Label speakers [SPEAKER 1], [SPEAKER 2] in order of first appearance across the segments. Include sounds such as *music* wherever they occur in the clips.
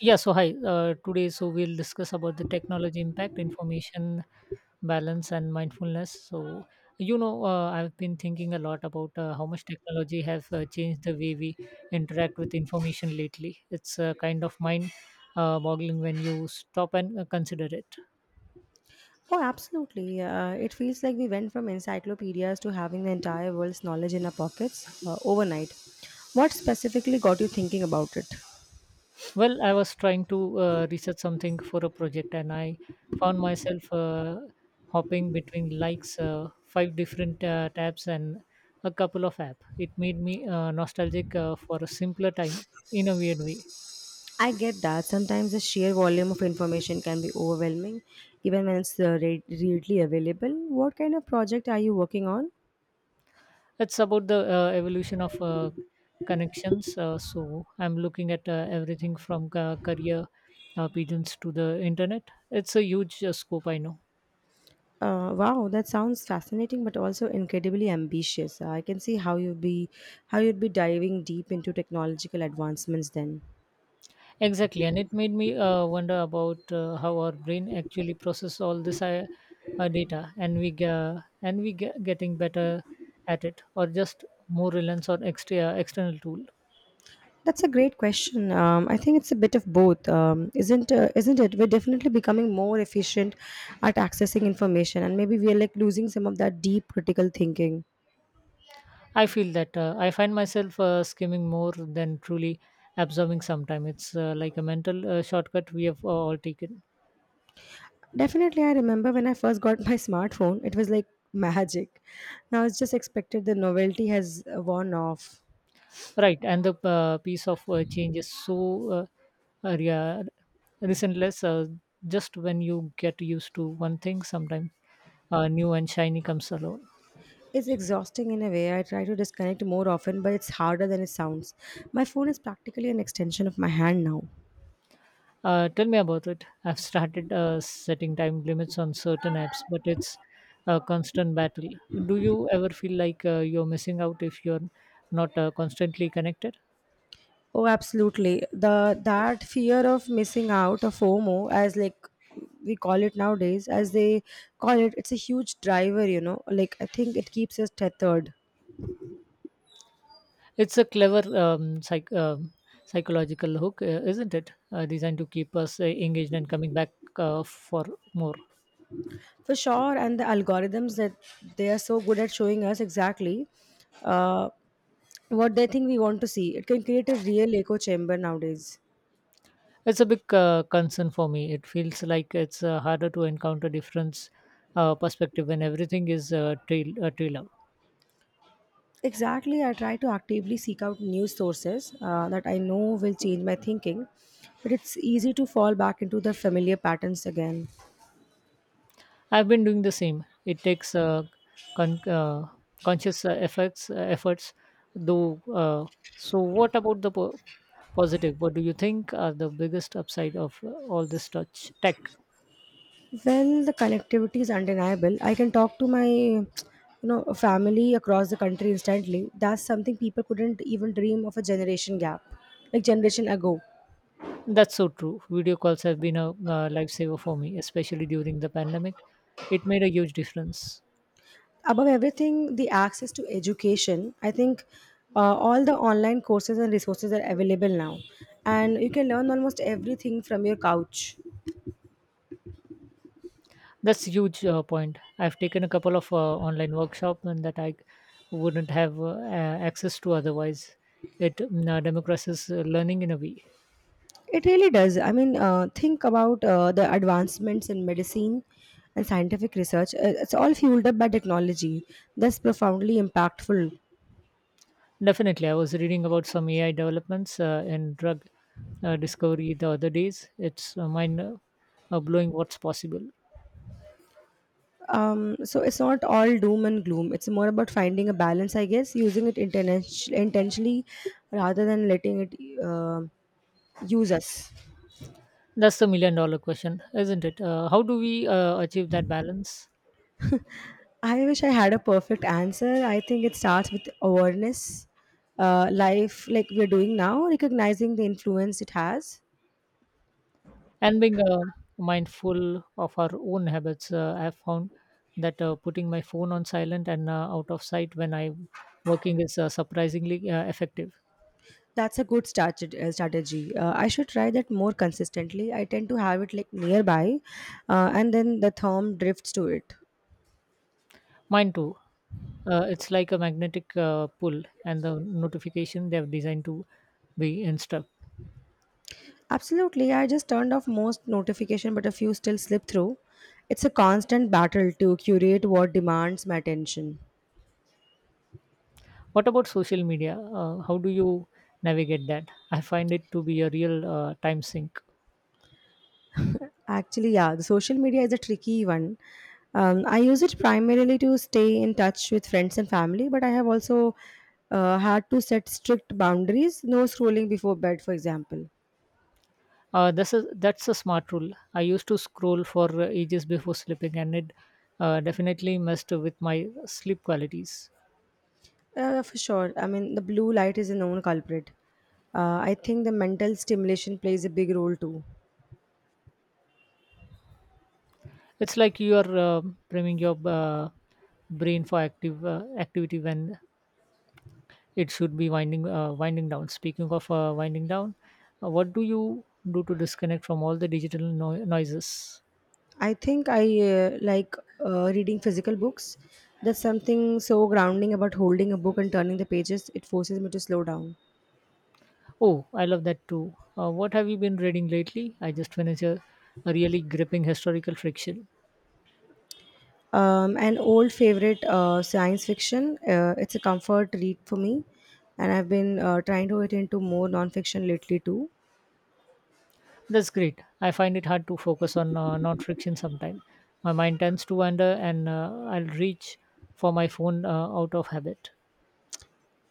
[SPEAKER 1] Yeah, so hi. Today, so we'll discuss about the technology impact, information balance, and mindfulness. I've been thinking a lot about how much technology has changed the way we interact with information lately. It's kind of mind boggling when you stop and consider it.
[SPEAKER 2] Oh, absolutely. It feels like we went from encyclopedias to having the entire world's knowledge in our pockets overnight. What specifically got you thinking about it?
[SPEAKER 1] Well, I was trying to research something for a project, and I found myself hopping between likes, five different tabs, and a couple of apps. It made me nostalgic for a simpler time in a weird way.
[SPEAKER 2] I get that sometimes the sheer volume of information can be overwhelming, even when it's readily available. What kind of project are you working on?
[SPEAKER 1] It's about the evolution of connections. So I'm looking at everything from career pigeons to the internet. It's a huge scope, I know.
[SPEAKER 2] Wow, that sounds fascinating, but also incredibly ambitious. I can see how you'd be diving deep into technological advancements then.
[SPEAKER 1] Exactly, and it made me wonder about how our brain actually process all this data, and we ga- and we ge- getting better at it, or just more reliance on extra external tool.
[SPEAKER 2] That's a great question. I think it's a bit of both, isn't it? We're definitely becoming more efficient at accessing information, and maybe we are like losing some of that deep critical thinking.
[SPEAKER 1] I feel that I find myself skimming more than truly absorbing. Sometime it's like a mental shortcut we have all taken.
[SPEAKER 2] Definitely, I remember when I first got *laughs* my smartphone, it was like magic. Now it's just expected. The novelty has worn off.
[SPEAKER 1] Right, and the piece of change is so uh, uh, yeah, resentless. Just when you get used to one thing, sometimes new and shiny comes along.
[SPEAKER 2] It's exhausting in a way. I try to disconnect more often, but it's harder than it sounds. My phone is practically an extension of my hand now.
[SPEAKER 1] Tell me about it. I've started setting time limits on certain apps, but it's a constant battle. Do you ever feel like you're missing out if you're not constantly connected?
[SPEAKER 2] Oh, absolutely. The that fear of missing out, of FOMO, as like we call it nowadays, as they call it, it's a huge driver. You know, like I think it keeps us tethered
[SPEAKER 1] It's a clever psychological hook, isn't it? Designed to keep us engaged and coming back for more.
[SPEAKER 2] for sure. And the algorithms that they are so good at showing us exactly uh, what they think we want to see. It can create a real echo chamber nowadays.
[SPEAKER 1] It's a big concern for me. It feels like it's harder to encounter different perspective when everything is trailed out.
[SPEAKER 2] Exactly, I try to actively seek out new sources that I know will change my thinking, but it's easy to fall back into the familiar patterns again.
[SPEAKER 1] I've been doing the same. It takes con- uh, conscious efforts, though. So, what about the positive? What do you think are the biggest upside of all this touch tech?
[SPEAKER 2] Well, the connectivity is undeniable. I can talk to my, you know, family across the country instantly. That's something people couldn't even dream of a generation gap, like generation ago.
[SPEAKER 1] That's so true. Video calls have been a lifesaver for me, especially during the pandemic. It made a huge difference.
[SPEAKER 2] Above everything, the access to education. I think all the online courses and resources are available now, and you can learn almost everything from your couch.
[SPEAKER 1] That's a huge point. I've taken a couple of online workshops and that I wouldn't have access to otherwise. It democratizes learning in a way.
[SPEAKER 2] It really does. I mean, think about the advancements in medicine and scientific research. It's all fueled up by technology. That's profoundly impactful.
[SPEAKER 1] Definitely, I was reading about some AI developments in drug discovery the other days. It's mind blowing what's possible.
[SPEAKER 2] So it's not all doom and gloom. It's more about finding a balance, I guess, using it intentionally rather than letting it uh, use us.
[SPEAKER 1] That's the million-dollar question, isn't it? How do we achieve that balance?
[SPEAKER 2] I wish I had a perfect answer. I think it starts with awareness, life like we're doing now, recognizing the influence it has.
[SPEAKER 1] And being mindful of our own habits. I have found that putting my phone on silent and out of sight when I'm working is surprisingly effective.
[SPEAKER 2] That's a good strategy. I should try that more consistently. I tend to have it like nearby, and then the thumb drifts to it.
[SPEAKER 1] Mine too. It's like a magnetic pull, and the notification they have designed to be instruct.
[SPEAKER 2] Absolutely, I just turned off most notification, but a few still slip through. It's a constant battle to curate what demands my attention.
[SPEAKER 1] What about social media? How do you navigate that? I find it to be a real time sink.
[SPEAKER 2] Actually, yeah, the social media is a tricky one. I use it primarily to stay in touch with friends and family, but I have also had to set strict boundaries. No scrolling before bed, for example.
[SPEAKER 1] That's a smart rule. I used to scroll for ages before sleeping, and it definitely messed with my sleep qualities.
[SPEAKER 2] For sure. I mean, the blue light is a known culprit. I think the mental stimulation plays a big role too.
[SPEAKER 1] It's like you are priming your brain for active activity when it should be winding down. Speaking of winding down, what do you do to disconnect from all the digital noises?
[SPEAKER 2] I think I like reading physical books. There's something so grounding about holding a book and turning the pages. It forces me to slow down.
[SPEAKER 1] Oh, I love that too. What have you been reading lately? I just finished a really gripping historical fiction.
[SPEAKER 2] An old favorite, science fiction. It's a comfort read for me, and I've been trying to get into more nonfiction lately too.
[SPEAKER 1] That's great. I find it hard to focus on non-fiction sometimes. My mind tends to wander, and I'll reach for my phone out of habit.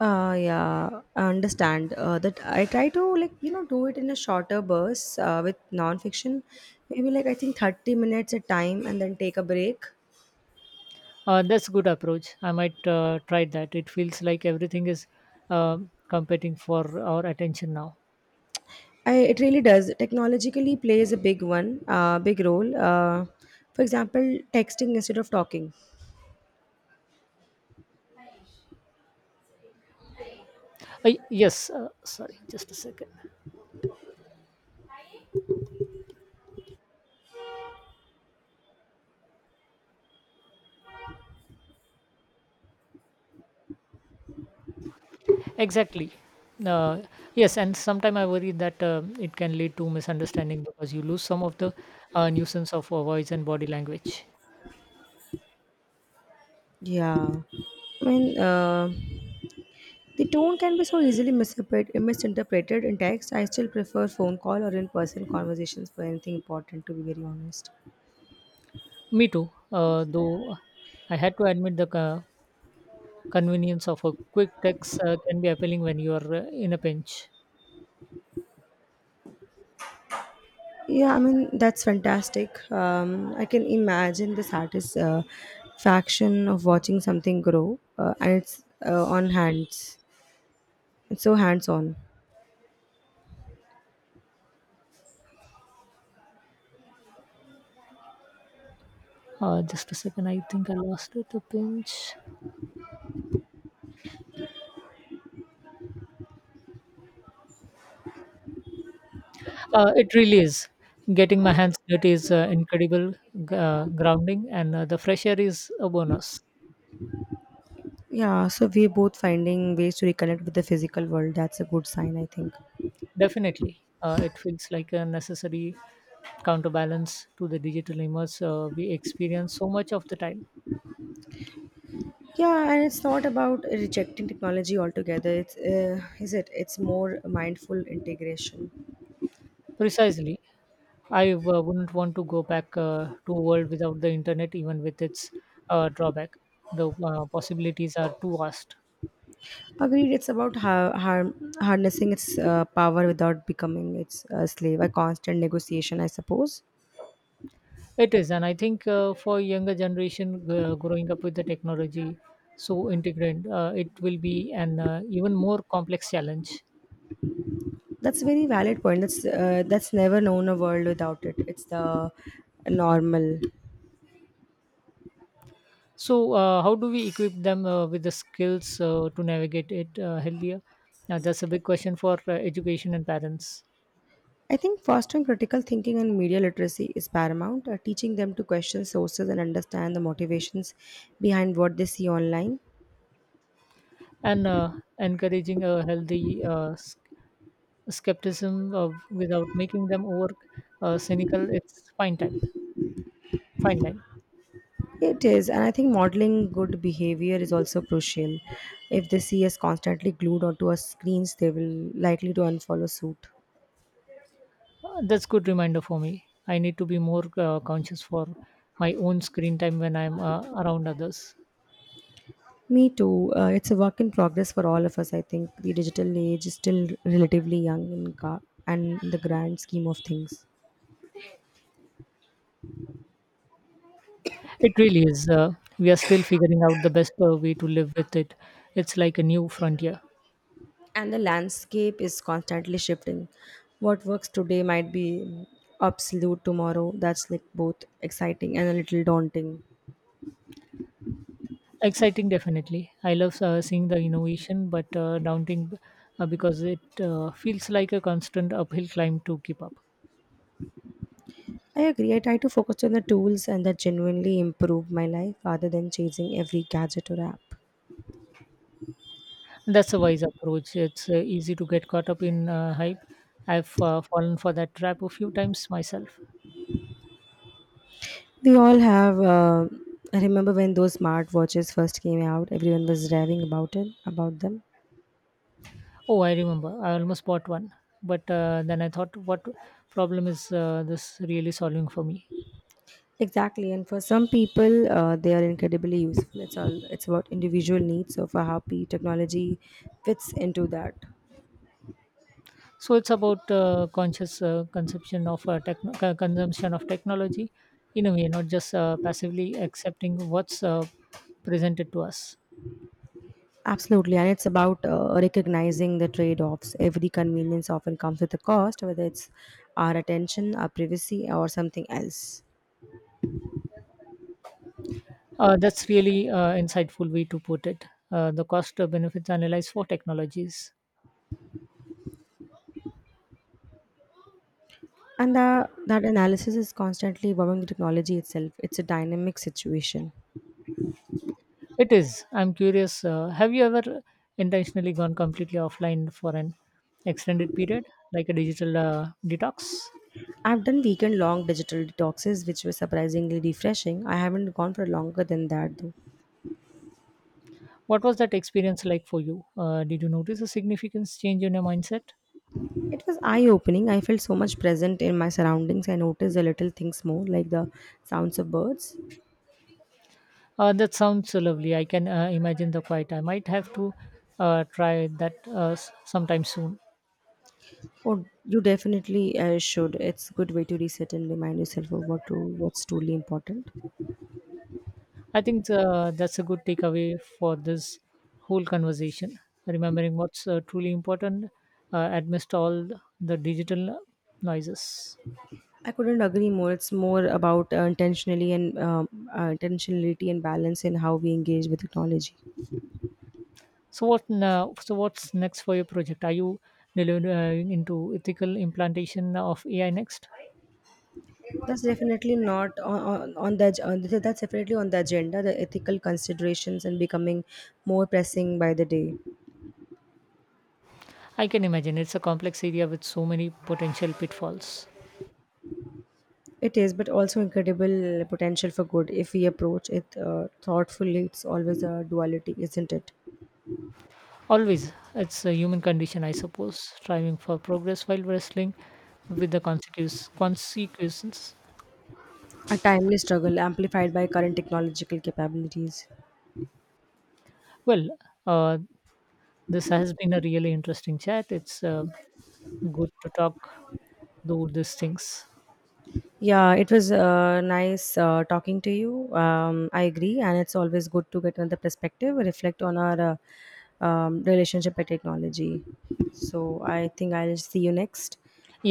[SPEAKER 2] Yeah, I understand that. I try to like you know do it in a shorter burst with nonfiction, maybe like I think 30 minutes a time, and then take a break.
[SPEAKER 1] That's good approach. I might try that. It feels like everything is competing for our attention now.
[SPEAKER 2] I it really does. Technologically plays a big one, big role. For example, texting instead of talking.
[SPEAKER 1] Yes, sorry, just a second. Exactly. Uh, yes, and sometimes I worry that it can lead to misunderstanding because you lose some of the nuisance of voice and body language.
[SPEAKER 2] Yeah, I mean, the tone can be so easily misinterpreted in text. I still prefer phone call or in person conversations for anything important. To be very honest.
[SPEAKER 1] Me too, though I had to admit the convenience of a quick text can be appealing when you are in a pinch.
[SPEAKER 2] Yeah, I mean that's fantastic. I can imagine the satisfaction of watching something grow, and it's on hands. It's so hands-on.
[SPEAKER 1] Just a second, I think I lost it. A pinch. It really is. Getting my hands dirty is incredible, grounding, and the fresh air is a bonus.
[SPEAKER 2] Yeah, so we're both finding ways to reconnect with the physical world. That's a good sign, I think.
[SPEAKER 1] Definitely, it feels like a necessary counterbalance to the digital image we experience so much of the time.
[SPEAKER 2] Yeah, and it's not about rejecting technology altogether. It's is it? It's more mindful integration.
[SPEAKER 1] Precisely, I wouldn't want to go back to a world without the internet, even with its drawback. The possibilities are too vast.
[SPEAKER 2] Agreed. It's about harnessing its power without becoming its slave. A constant negotiation, I suppose.
[SPEAKER 1] It is, and I think for younger generation growing up with the technology so integrated, it will be an even more complex challenge.
[SPEAKER 2] That's a very valid point. That's never known a world without it. It's the normal.
[SPEAKER 1] So, how do we equip them with the skills to navigate it healthier? Now, that's a big question for education and parents.
[SPEAKER 2] I think fostering critical thinking and media literacy is paramount. Teaching them to question sources and understand the motivations behind what they see online.
[SPEAKER 1] And encouraging a healthy skepticism of, without making them over cynical. It's fine line.
[SPEAKER 2] It is, and I think modeling good behavior is also crucial. If they see us constantly glued onto our screens, they will likely to unfollow suit.
[SPEAKER 1] That's good reminder for me. I need to be more conscious for my own screen time when I'm around others.
[SPEAKER 2] Me too. It's a work in progress for all of us. I think the digital age is still relatively young and in the grand scheme of things.
[SPEAKER 1] It really is. We are still figuring out the best way to live with it. It's like a new frontier.
[SPEAKER 2] And the landscape is constantly shifting. What works today might be obsolete tomorrow. That's like both exciting and a little daunting.
[SPEAKER 1] Exciting, definitely. I love seeing the innovation, but daunting because it feels like a constant uphill climb to keep up.
[SPEAKER 2] I agree. I try to focus on the tools and that genuinely improve my life rather than chasing every gadget or app.
[SPEAKER 1] That's a wise approach. It's easy to get caught up in hype. I've fallen for that trap a few times myself.
[SPEAKER 2] We all have. I remember when those smart watches first came out, everyone was raving about them.
[SPEAKER 1] Oh, I remember. I almost bought one, but then I thought, what problem is this really solving for me?
[SPEAKER 2] Exactly, and for some people, they are incredibly useful. It's all it's about individual needs. So for how P technology fits into that,
[SPEAKER 1] So it's about conscious consumption of consumption of technology, in a way, not just passively accepting what's presented to us.
[SPEAKER 2] absolutely, and it's about recognizing the trade-offs. Every convenience often comes with a cost, whether it's our attention, our privacy, or something else.
[SPEAKER 1] That's really insightful way to put it. The cost benefits analyze for technologies.
[SPEAKER 2] And that analysis is constantly evolving the technology itself. It's a dynamic situation.
[SPEAKER 1] It is. I'm curious. Have you ever intentionally gone completely offline for an extended period, like a digital detox?
[SPEAKER 2] I've done weekend long digital detoxes, which were surprisingly refreshing. I haven't gone for longer than that though.
[SPEAKER 1] What was that experience like for you? Did you notice a significant change in your mindset?
[SPEAKER 2] It was eye opening. I felt so much present in my surroundings. I noticed the little things more, like the sounds of birds.
[SPEAKER 1] That sounds so lovely. I can imagine the quiet. I might have to try that sometime soon.
[SPEAKER 2] Oh, you definitely should. It's a good way to reset and remind yourself of what's truly important.
[SPEAKER 1] I think that's a good takeaway for this whole conversation. Remembering what's truly important amidst all the digital noises.
[SPEAKER 2] I couldn't agree more. It's more about intentionally and intentionality and balance in how we engage with technology.
[SPEAKER 1] So what? Now, so what's next for your project? Are you delivering into ethical implantation of AI next?
[SPEAKER 2] That's definitely not on, on the ag- on the- that's definitely on the agenda. The ethical considerations and becoming more pressing by the day.
[SPEAKER 1] I can imagine it's a complex area with so many potential pitfalls.
[SPEAKER 2] It is, but also incredible potential for good if we approach it thoughtfully. It's always a duality, isn't it?
[SPEAKER 1] Always, it's a human condition, I suppose. Striving for progress while wrestling with the consequences. Consequences.
[SPEAKER 2] A timely struggle amplified by current technological capabilities.
[SPEAKER 1] Well, uh, this has been a really interesting chat. It's good to talk through these things.
[SPEAKER 2] Yeah, it was nice talking to you. I agree, and it's always good to get another perspective, reflect on our relationship with technology. So I think I'll see you next.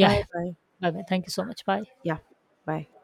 [SPEAKER 2] Bye bye.
[SPEAKER 1] Bye bye. Thank you so much. Bye.
[SPEAKER 2] Yeah, bye.